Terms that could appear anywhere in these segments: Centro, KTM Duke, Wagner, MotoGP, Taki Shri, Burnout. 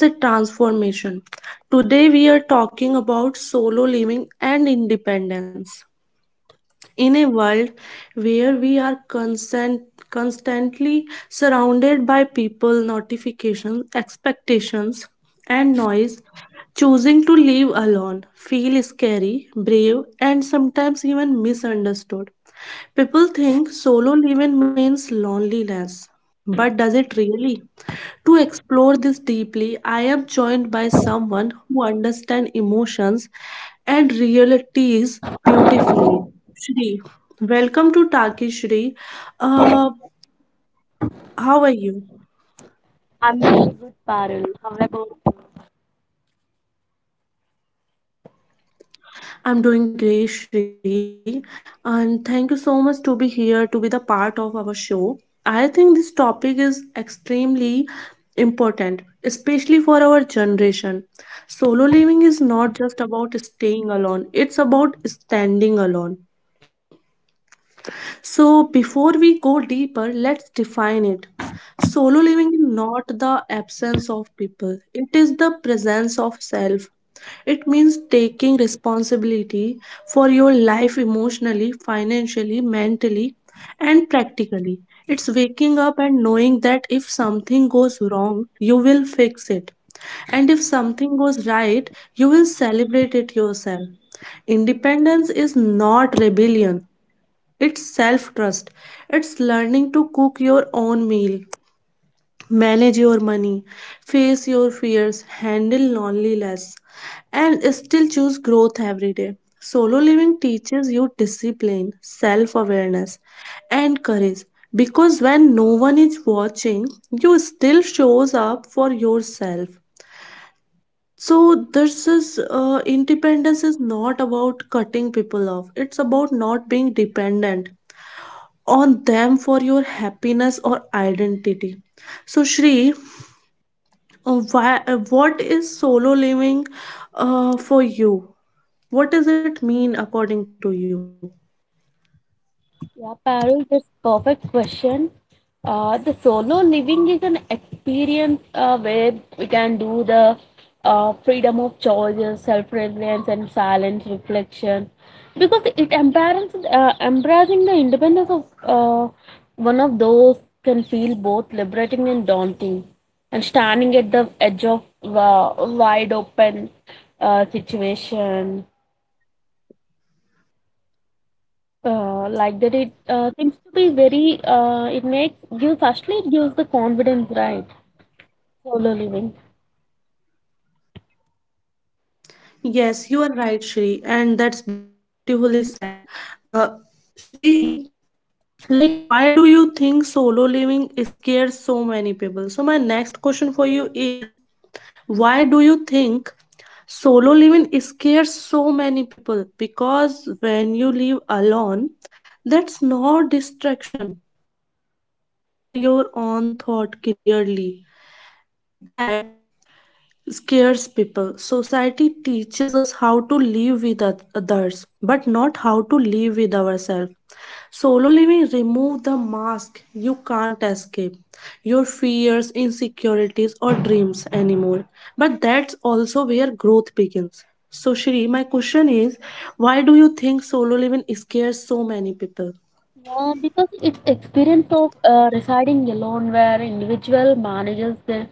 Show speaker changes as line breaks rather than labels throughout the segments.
It's a transformation. Today, we are talking about solo living and independence. In a world where we are constantly surrounded by people, notifications, expectations, and noise, choosing to live alone feels scary, brave, and sometimes even misunderstood. People think solo living means loneliness, but does it really? To explore this deeply, I am joined by someone who understands emotions and realities beautifully. Shri, welcome to Taki Shri. Uh, how are you?
I'm doing good, Parul. How about you?
I'm doing great, Shri, and thank you so much to be here to be the part of our show. I think this topic is extremely important, especially for our generation. Solo living is not just about staying alone; it's about standing alone. So, before we go deeper, let's define it. Solo living is not the absence of people, it is the presence of self. It means taking responsibility for your life emotionally, financially, mentally, and practically. It's waking up and knowing that if something goes wrong, you will fix it. And if something goes right, you will celebrate it yourself. Independence is not rebellion, it's self trust. It's learning to cook your own meal, manage your money, face your fears, handle loneliness, and still choose growth every day. Solo living teaches you discipline, self awareness, and courage because when no one is watching, you still shows up for yourself. So this is independence is not about cutting people off. It's about not being dependent on them for your happiness or identity. So, Shri, what is solo living for you? What does it mean according to you?
Yeah, Parul, that's perfect question. The solo living is an experience where we can do the freedom of choices, self-reliance, and silent reflection, because it embracing the independence of one of those can feel both liberating and daunting, and standing at the edge of wide open situation. Like that it seems to be very it gives the confidence, right? Solo living.
Yes, you are right, Shri, and that's beautifully said. Uh, Shri, like, why do you think solo living scares so many people? So, my next question for you is why do you think solo living scares so many people because when you live alone, that's no distraction. You hear your own thought clearly, and that scares people. Society teaches us how to live with others, but not how to live with ourselves. Solo living remove the mask, you can't escape your fears, insecurities, or dreams anymore, but that's also where growth begins. So Shri, my question is, why do you think solo living scares so many people?
Yeah, because it's experience of residing alone where individual manages their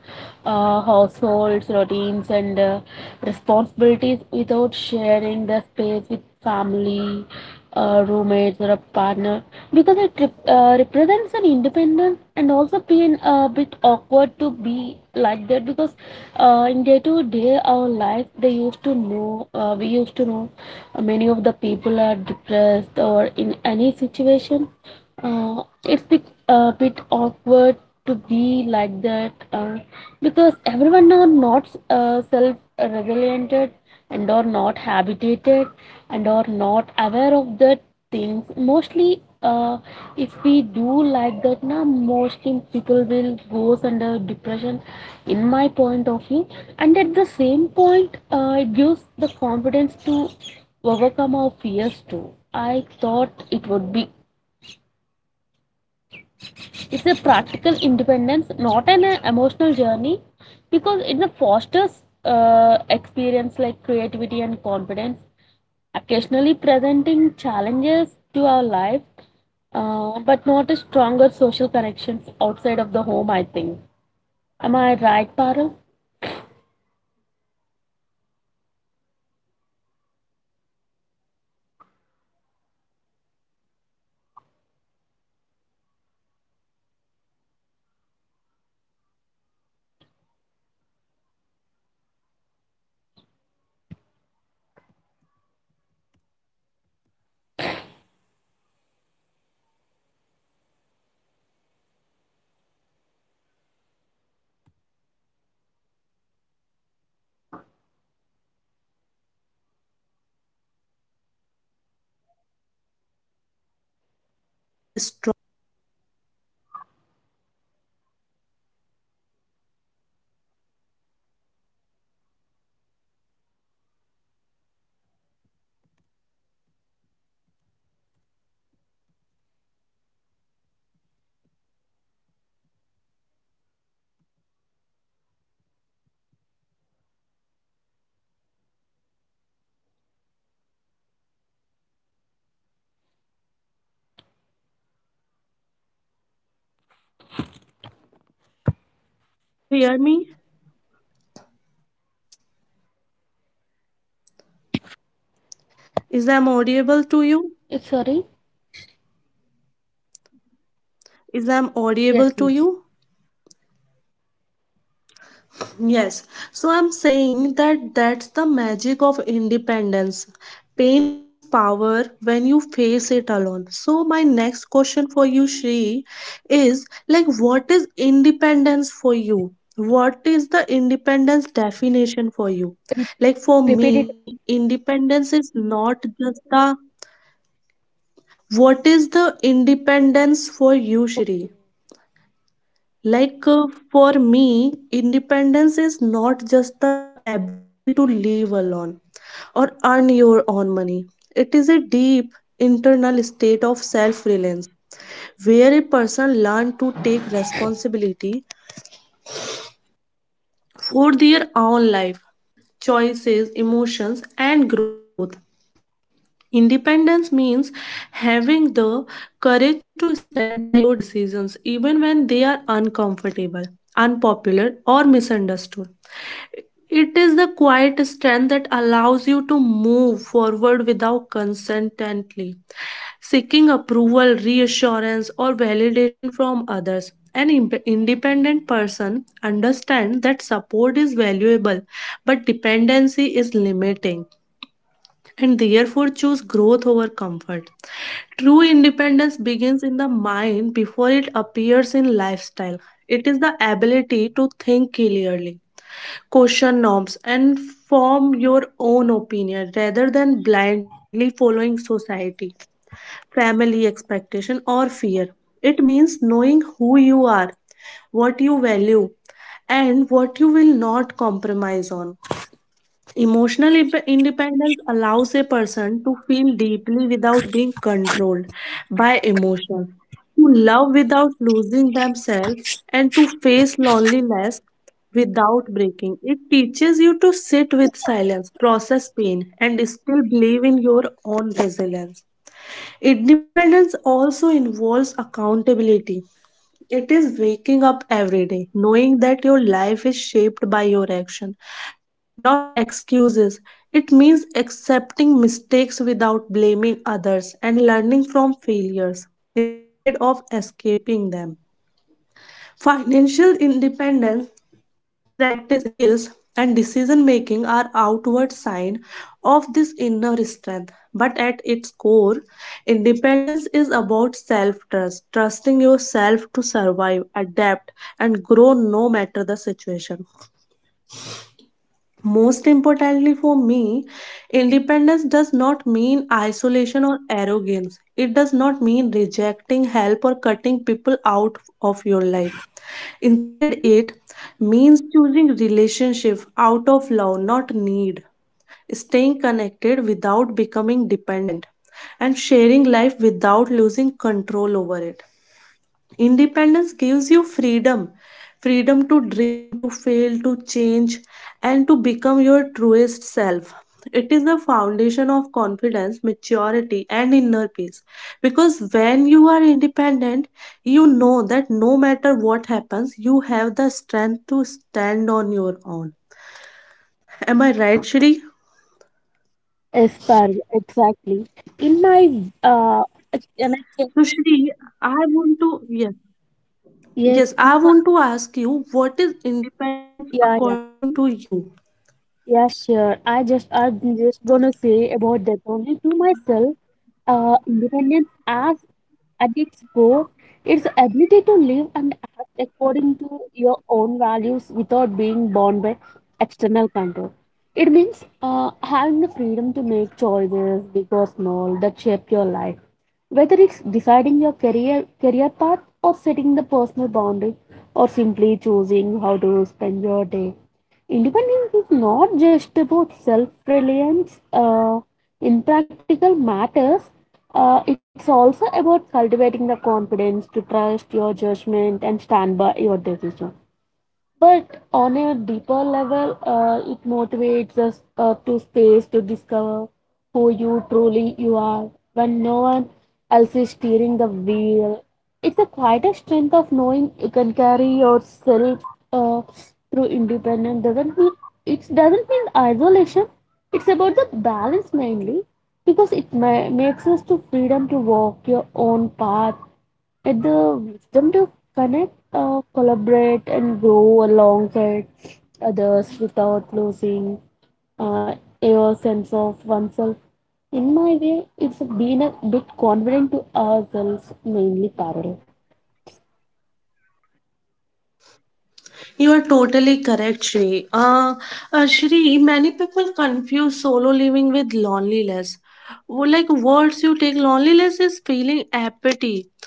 households, routines, and responsibilities without sharing the space with family, roommates, or a partner. Because it represents an independence and also being a bit awkward to be like that because in day-to-day our life they used to know we used to know many of the people are depressed or in any situation. It's a bit awkward to be like that, because everyone are not self resilient and are not habituated and are not aware of the things mostly. If we do like that now, mostly people will goes under depression, in my point of view. And at the same point, it gives the confidence to overcome our fears too. I thought it would be, it's a practical independence, not an
Yes, you
emotional
are totally.
journey, because it fosters experience like creativity and confidence, occasionally presenting challenges to our life, but not a stronger social connections outside of the home. I think, am I right, Parul?
Yes. Yes, you are totally correct, Shri. Even one of my friend, I want to share one of my friend example, that a friend of mine who moved to a new city alone for work. At first, she cried every night, no familiar faces, no comfort food, no emotional support nearby. But slowly, she learned everything, paying bills, handling work pressure, making decisions alone. One day she told me, I miss people, but I don't miss being weak. Solo living didn't make her lonely, it made her strong. And that's the magic of independence. Pains becomes power. Shri, am I audio audible? Am I audible, Shri? Shri, can you hear me? Is I'm audible to you?
Eh, sorry.
Is I'm
Yes,
audible to
yes.
you? Yes, so I'm saying that that's the magic of independence. Pain becomes power when you face it alone. So my next question for you, Shri, is like what is independence for you? What is the independence definition for you?
Re-
Like for
Repeat it.
me, independence is not just the What is the independence for you, Shri? Like for me, independence is not just the ability to live alone or earn your own money. It is a deep internal state of self reliance where a person learns to take responsibility for their own life, choices, emotions, and growth. Independence means having the courage to stand by your decisions even when they are uncomfortable, unpopular, or misunderstood. It is the quiet strength that allows you to move forward without consentently seeking approval, reassurance, or validation from others. An independent person understands that support is valuable, but dependency is limiting and therefore choose growth over comfort. True independence begins in the mind before it appears in lifestyle. It is the ability to think clearly, question norms, and form your own opinion rather than blindly following society, family expectation, or fear. It means knowing who you are, what you value, and what you will not compromise on. Emotional independence allows a person to feel deeply without being controlled by emotions, to love without losing themselves, and to face loneliness without breaking. It teaches you to sit with silence, process pain, and still believe in your own resilience. Independence also involves accountability. It is waking up every day, knowing that your life is shaped by your action, not excuses. It means accepting mistakes without blaming others and learning from failures instead of escaping them. Financial independence, practice skills, and decision making are outward sign of this inner strength, but at its core independence is about self trust, trusting yourself to survive, adapt, and grow no matter the situation. Most importantly for me, independence does not mean isolation or arrogance. It does not mean rejecting help or cutting people out of your life. Instead, it means choosing relationship out of love, not need, staying connected without becoming dependent, and sharing life without losing control over it. Independence gives you freedom, freedom to dream, to fail, to change, and to become your truest self. It is the foundation of confidence, maturity, and inner peace. Because when you are independent, you know that no matter what happens, you have the strength to stand on your own. Am I right, Shri?
Yes, Parul, exactly. In my ex- and I can-
So, Shri, I want to, yes,
yes,
yes,
in
I
my,
want to ask you what is independence
yeah, yeah.
according to you?
Yeah, sure. I'm just gonna say about that only to myself. Independence, as at its core, its ability to live and act according to your own values without being bound by external control. It means having the freedom to make choices, big or small, that shape your life. Whether it's deciding your career path or setting the personal boundary or simply choosing how to spend your day. Independence is not just about self reliance, in practical matters. It's also about cultivating the confidence to trust your judgment and stand by your decision. But on a deeper level, it motivates us to space to discover who you truly you are when no one else is steering the wheel. It's a quieter strength of knowing you can carry yourself uh, through independence. Doesn't mean it doesn't mean isolation. It's about the balance mainly, because it makes us to freedom to walk your own path at the wisdom to connect, collaborate, and grow alongside others without losing uh, your sense of oneself. In my way, it's been a bit confident to ourselves, mainly parallel.
You are totally correct, Shri. Shri, many people confuse solo living with loneliness. Like words you take, loneliness is feeling apathy,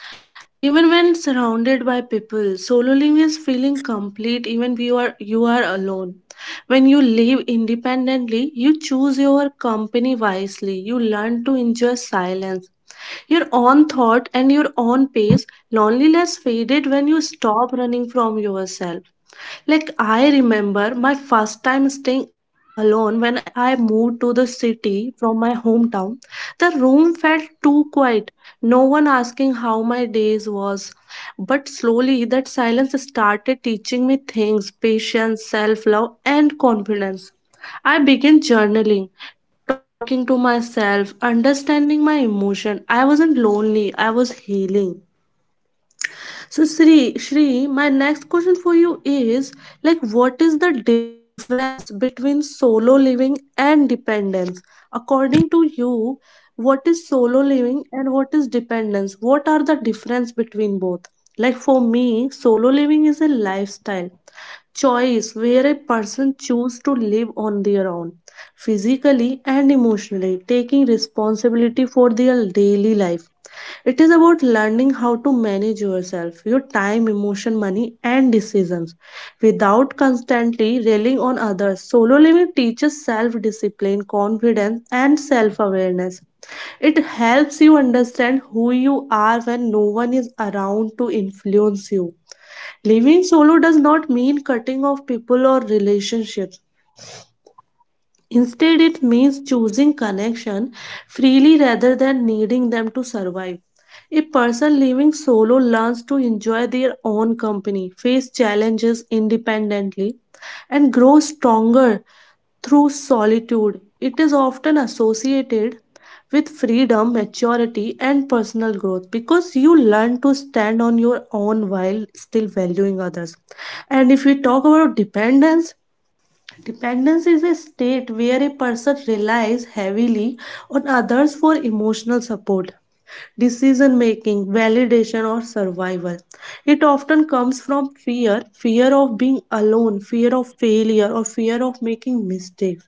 even when surrounded by people. Solo living is feeling complete, even if you are alone. When you live independently, you choose your company wisely. You learn to enjoy silence, your own thought, and your own pace. Loneliness faded when you stop running from yourself. Like I remember my first time staying alone, when I moved to the city from my hometown. The room felt too quiet, no one asking how my days was. But slowly that silence started teaching me things, patience, self-love, and confidence. I began journaling, talking to myself, understanding my emotion. I wasn't lonely, I was healing. So Shri, my next question for you is like what is the difference between solo living and dependence? According to you, what is solo living and what is dependence? What are the difference between both? Like for me, solo living is a lifestyle choice where a person choose to live on their own physically and emotionally, taking responsibility for their daily life. It is about learning how to manage yourself, your time, emotion, money, and decisions without constantly relying on others. Solo living teaches self discipline, confidence, and self awareness. It helps you understand who you are when no one is around to influence you. Living solo does not mean cutting off people or relationships. Instead, it means choosing connection freely rather than needing them to survive. A person living solo learns to enjoy their own company, face challenges independently, and grow stronger through solitude. It is often associated with freedom, maturity, and personal growth because you learn to stand on your own while still valuing others. And if we talk about dependence, dependence is a state where a person relies heavily on others for emotional support, decision making, validation, or survival. It often comes from fear, fear of being alone, fear of failure, or fear of making mistakes.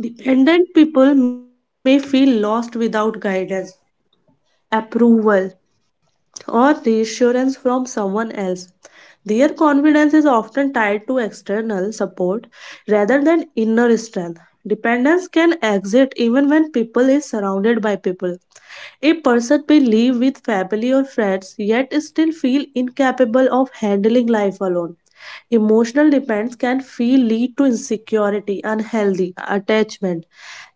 Dependent people may feel lost without guidance, approval, or reassurance from someone else. Their confidence is often tied to external support rather than inner strength. Dependence can exist even when people is surrounded by people. A person may live with family or friends yet still feel incapable of handling life alone. Emotional dependence can feel lead to insecurity, unhealthy attachment,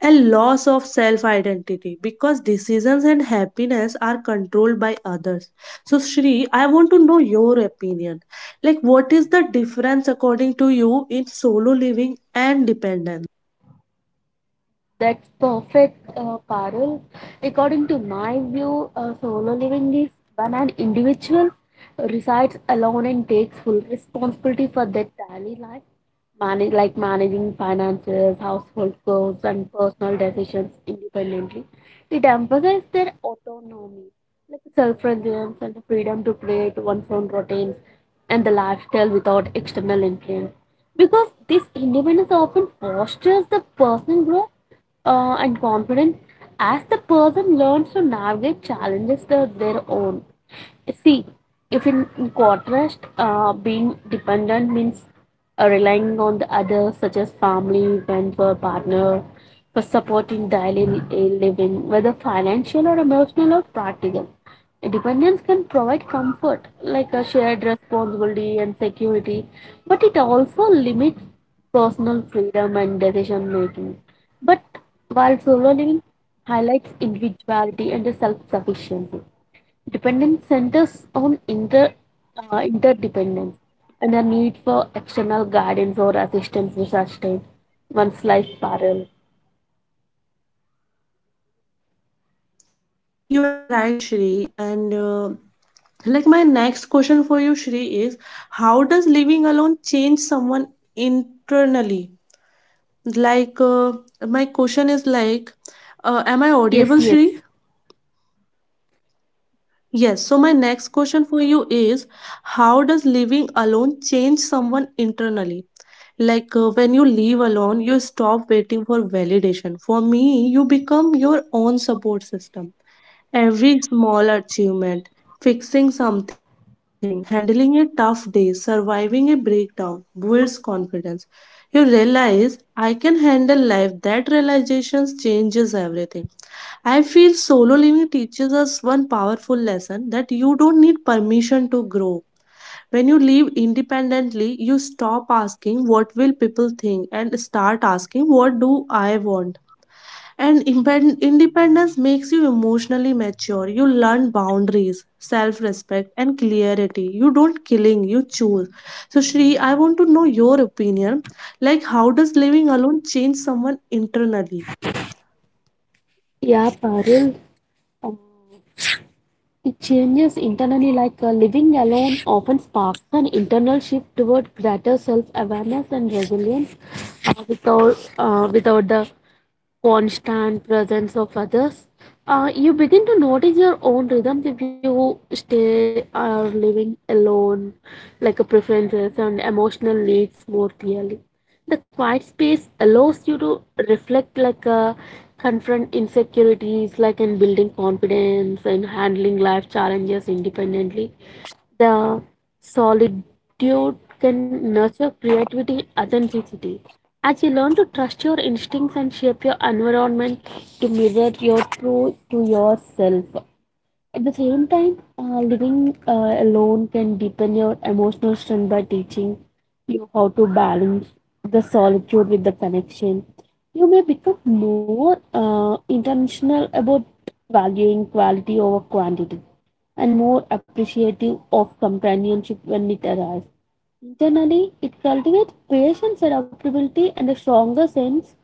and loss of self identity because decisions and happiness are controlled by others. So, Shri, I want to know your opinion. Like, what is the difference according to you in solo living and dependence?
That's perfect, Parul. According to my view, solo living is when an individual resides alone and takes full responsibility for their daily life, manage, like managing finances, household chores, and personal decisions independently. It emphasizes their autonomy, like self-reliance and the freedom to create one's own routines and the lifestyle without external influence. Because this independence often fosters the personal growth and confident as the person learns to navigate challenges of their own. See, if in, in contrast, being dependent means relying on the others, such as family, friends, or partner, for supporting daily living, whether financial or emotional or practical. Dependence can provide comfort, like a shared responsibility and security, but it also limits personal freedom and decision making. But while solo living highlights individuality and self sufficiency. Dependence centers on interdependence and the need for external guidance or assistance to sustain one's life, parallel.
You are right, Shri. And like my next question for you, Shri, is how does living alone change someone internally? Like my question is like, am I
Yes,
audible, Shri?
yes.
Yes, so my next question for you is how does living alone change someone internally? Like when you live alone, you stop waiting for validation. For me, you become your own support system. Every small achievement, fixing something, handling a tough day, surviving a breakdown builds confidence. You realize I can handle life. That realization changes everything. I feel solo living teaches us one powerful lesson, that you don't need permission to grow. When you live independently, you stop asking what will people think and start asking what do I want. And independence makes you emotionally mature. You learn boundaries, self respect, and clarity. You don't killing, you choose. So, Shri, I want to know your opinion. Like, how does living alone change someone internally?
Yeah, parallel. Uh, it changes internally like living alone often sparks an internal shift toward greater self awareness and resilience, without the constant presence of others. You begin to notice your own rhythms if you stay or living alone, like preferences and emotional needs more clearly. The quiet space allows you to reflect, like, confront insecurities, like in building confidence and handling life challenges independently. The Solitude can nurture creativity, authenticity, as you learn to trust your instincts and shape your environment to mirror your true to yourself. At the same time, living alone can deepen your emotional strength by teaching you how to balance the solitude with the connection. You may become more intentional about valuing quality over quantity and more appreciative of companionship when it arrives. Internally, it cultivates patience, adaptability, and a stronger sense,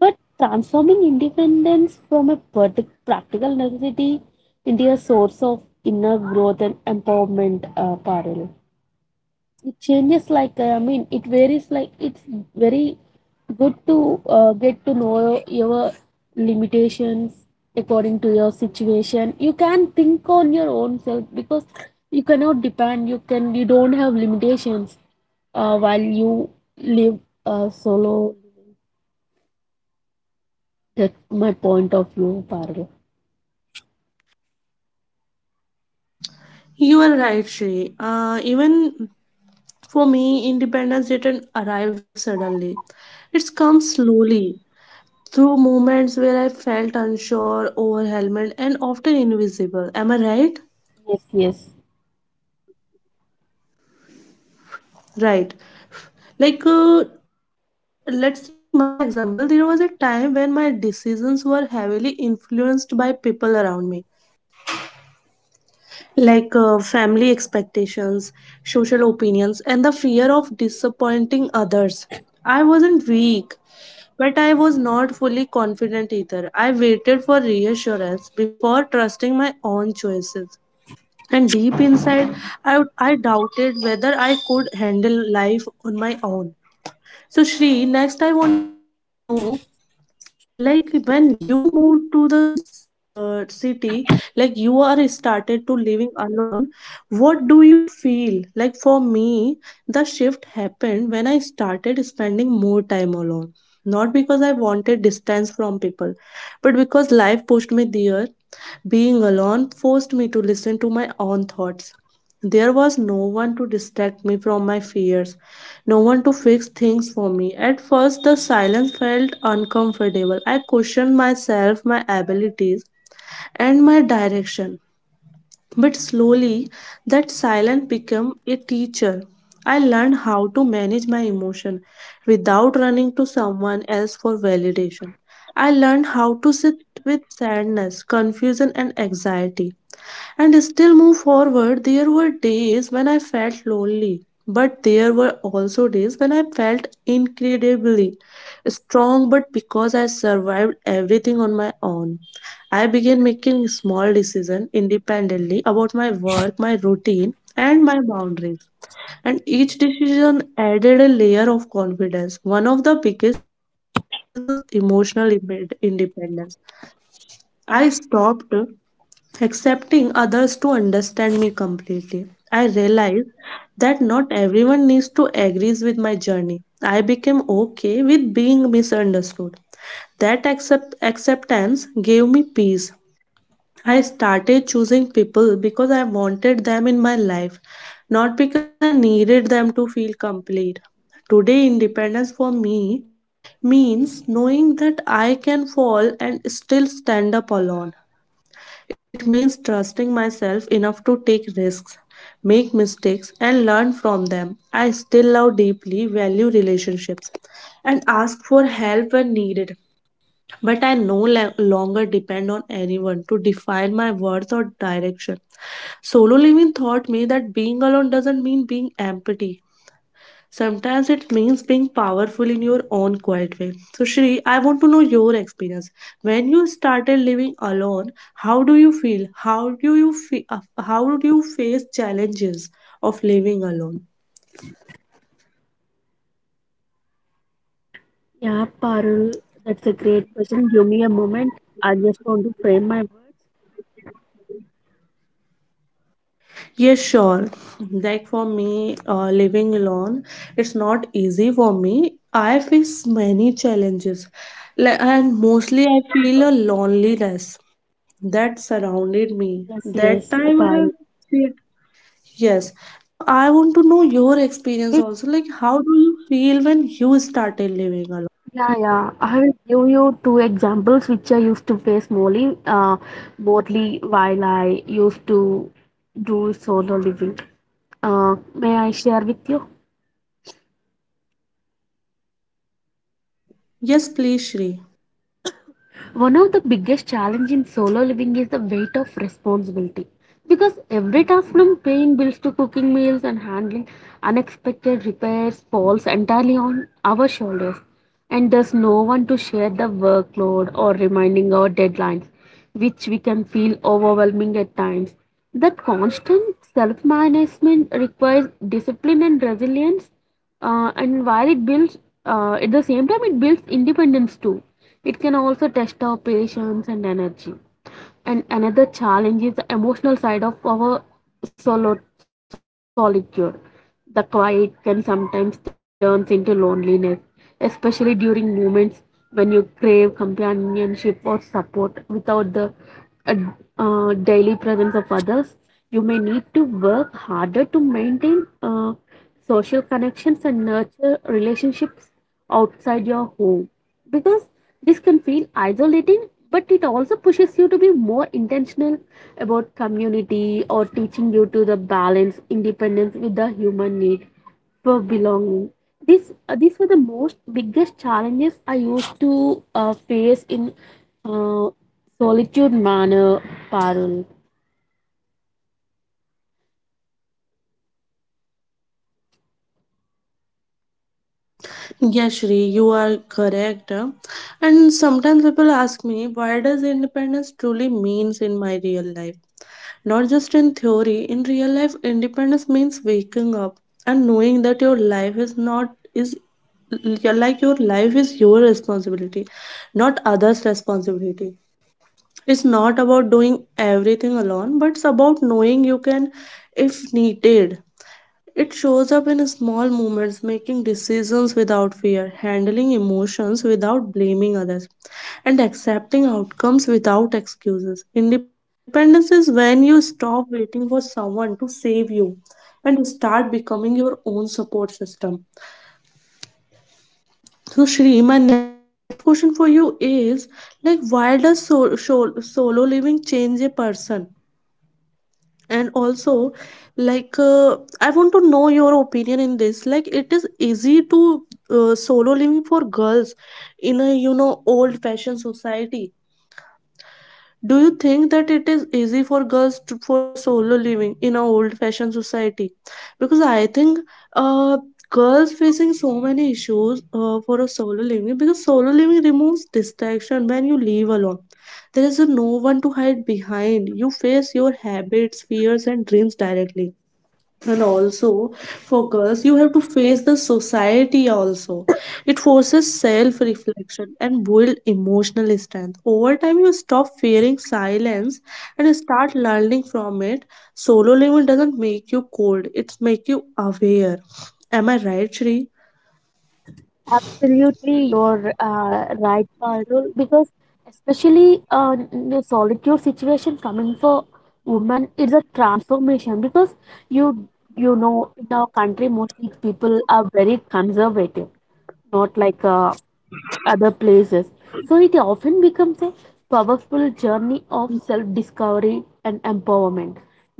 but transforming independence from a practical necessity into a source of inner growth and empowerment, parallel. It changes like, I mean, it varies, like, it's very good to get to know your limitations. According to your situation, you can think on your own self, because you cannot depend, you don't have limitations, while you live solo. That's my point of view, parallel.
You are right, Shri. Even for me, independence didn't arrive suddenly. It's come slowly through moments where I felt unsure, overwhelmed, and often invisible. Am I right?
Yes, yes.
Right. Like, let's take my example. There was a time when my decisions were heavily influenced by people around me, like family expectations, social opinions, and the fear of disappointing others. I wasn't weak, but I was not fully confident either. I waited for reassurance before trusting my own choices. And deep inside, I doubted whether I could handle life on my own. So, Shri, next I want to know like when you move to the city, like you are started to living alone, what do you feel? Like for me, the shift happened when I started spending more time alone, not because I wanted distance from people, but because life pushed me there. Being alone forced me to listen to my own thoughts. There was no one to distract me from my fears, no one to fix things for me. At first, the silence felt uncomfortable. I questioned myself, my abilities, and my direction. But slowly, that silence became a teacher. I learned how to manage my emotion without running to someone else for validation. I learned how to sit with sadness, confusion, and anxiety and still move forward. There were days when I felt lonely, but there were also days when I felt incredibly strong. But because I survived everything on my own, I began making small decisions independently about my work, my routine, and my boundaries. And each decision added a layer of confidence. One of the biggest changes was emotional independence. I stopped accepting others to understand me completely. I realized that not everyone needs to agrees with my journey. I became okay with being misunderstood. That acceptance gave me peace. I started choosing people because I wanted them in my life, not because I needed them to feel complete. Today, independence for me means knowing that I can fall and still stand up alone. It means trusting myself enough to take risks, make mistakes, and learn from them. I still love deeply, value relationships, and ask for help when needed. But I no longer depend on anyone to define my worth or direction. Solo living taught me that being alone doesn't mean being empty. Sometimes it means being powerful in your own quiet way. So, Shri, I want to know your experience. When you started living alone, how do you feel? How do you face challenges of living alone?
Yeah, Parul, that's a great question. Give me a moment. I just want to frame my words.
Yes, sure. Like for me, living alone, it's not easy for me. I face many challenges, like, and mostly I feel a loneliness
Yes,
that
yes,
surrounded
Parul.
me. That time I— yes. So I want to know your experience also. Like, how do you feel when you started
Yeah,
living alone?
yeah. I will give you two examples which I used to face mostly while I used to do solo living. May I share with you?
Yes, please, Shri.
One of the biggest challenges in solo living is the weight of responsibility. Because every task, from paying bills to cooking meals and handling unexpected repairs, falls entirely on our shoulders. And there's no one to share the workload or reminding our deadlines, which we can feel overwhelming at times. That constant self management requires discipline and resilience, and while it builds, at the same time, it builds independence too. It can also test our patience and energy. And another challenge is the emotional side of our solo- solitude. The quiet can sometimes turn into loneliness, especially during moments when you crave companionship or support without the a, daily presence of others. You may need to work harder to maintain social connections and nurture relationships outside your home, because this can feel isolating, but it also pushes you to be more intentional about community or teaching you to the balance independence with the human need for belonging. This these were the most biggest challenges I used to face in uh, solitude manner, Parul.
Yes, Shri, you are correct, huh? And sometimes people ask me, why does independence truly means in my real life? Not just in theory, in real life, independence means waking up and knowing that your life is not is like your life is your responsibility, not others' responsibility. It's not about doing everything alone, but it's about knowing you can if needed. It shows up in small moments, making decisions without fear, handling emotions without blaming others, and accepting outcomes without excuses. Independence is when you stop waiting for someone to save you and start becoming your own support system. So, Shri, my next question for you is, like, why does solo living change a person? And also, like I want to know your opinion in this. Like, it is easy to solo living for girls in a, you know, old fashioned society. Do you think that it is easy for girls to, for solo living in a old-fashioned society? Because I think uh, girls facing so many issues for a solo living, because solo living removes distraction. When you live alone, there is no one to hide behind. You face your habits, fears, and dreams directly. And also, for girls, you have to face the society also. It forces self reflection and build emotional strength. Over time, you stop fearing silence and start learning from it. Solo living doesn't make you cold, it's make you aware. Am I right, Shri?
Absolutely, you're right, Parul, because especially in a solitude situation coming for women, it's a transformation because you you know in our country mostly people are very conservative, not like other places. So it often becomes a powerful journey of self discovery and empowerment.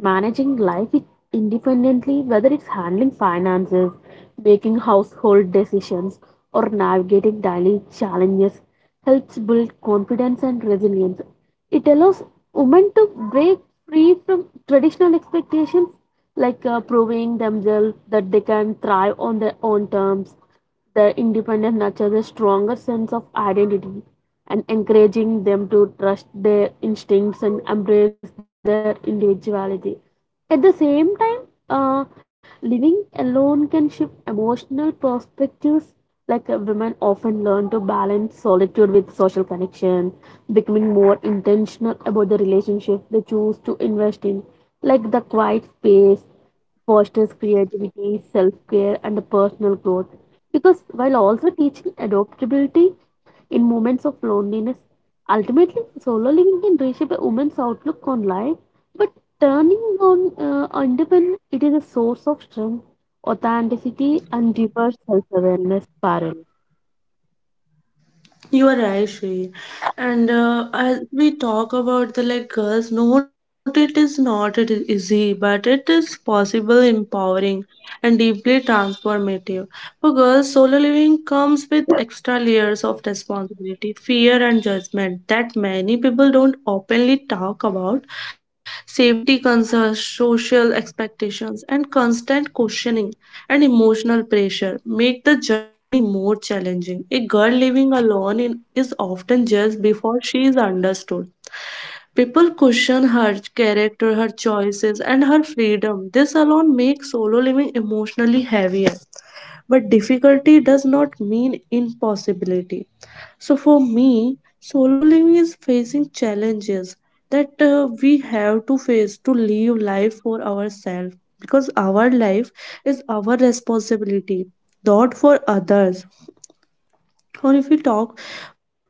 Managing life independently, whether it's handling finances, making household decisions, or navigating daily challenges, helps build confidence and resilience. It allows women to break free from traditional expectations, like proving themselves that they can thrive on their own terms, their independent nature, a stronger sense of identity, and encouraging them to trust their instincts and embrace their individuality. At the same time, living alone can shift emotional perspectives. Like, women often learn to balance solitude with social connection, becoming more intentional about the relationship they choose to invest in, like the quiet space fosters creativity, self care, and personal growth. Because while also teaching adaptability in moments of loneliness, ultimately solo living can reshape a woman's outlook on life. But turning on independence, it is a source of strength, authenticity, and diverse self awareness. Parallel.
You are right, Shri. And as we talk about the like girls, note it is not it is easy, but it is possible, empowering, and deeply transformative. For girls, solo living comes with extra layers of responsibility, fear, and judgment that many people don't openly talk about. Safety concerns, social expectations, and constant questioning and emotional pressure make the journey more challenging. A girl living alone in, is often judged before she is understood. People question her character, her choices, and her freedom. This alone makes solo living emotionally heavier. But difficulty does not mean impossibility. So for me, solo living is facing challenges that we have to face to live life for ourselves, because our life is our responsibility, not for others. Or if we talk,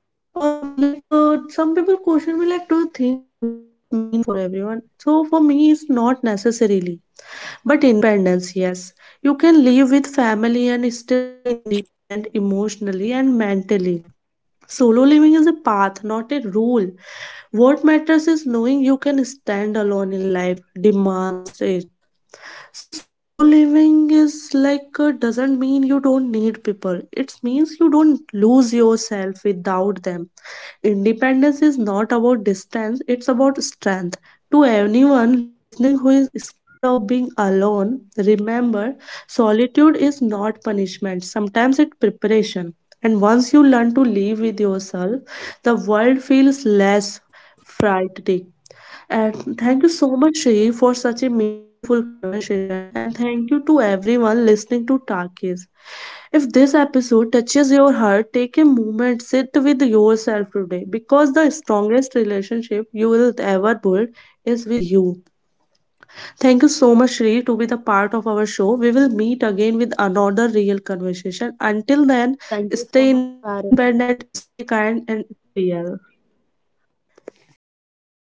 some people question me, like, do you think solo living is mean for everyone? So for me, it's not necessarily, but independence yes. You can live with family and still be independent emotionally and mentally. Solo living is a path, not a rule. What matters is knowing you can stand alone in life, demands it. So solo living is like doesn't mean you don't need people, it means you don't lose yourself without them. Independence is not about distance, it's about strength. To anyone listening who is scared of being alone, remember, solitude is not punishment, sometimes it's preparation. And once you learn to live with yourself, the world feels less frightening. And thank you so much, Shree, for such a meaningful conversation. And thank you to everyone listening to Takis. If this episode touches your heart, take a moment, sit with yourself today, because the strongest relationship you will ever build is with you. Thank you so much, Shree, to be the part of our show. We will meet again with another real conversation. Until then, stay independent, stay kind, and stay real.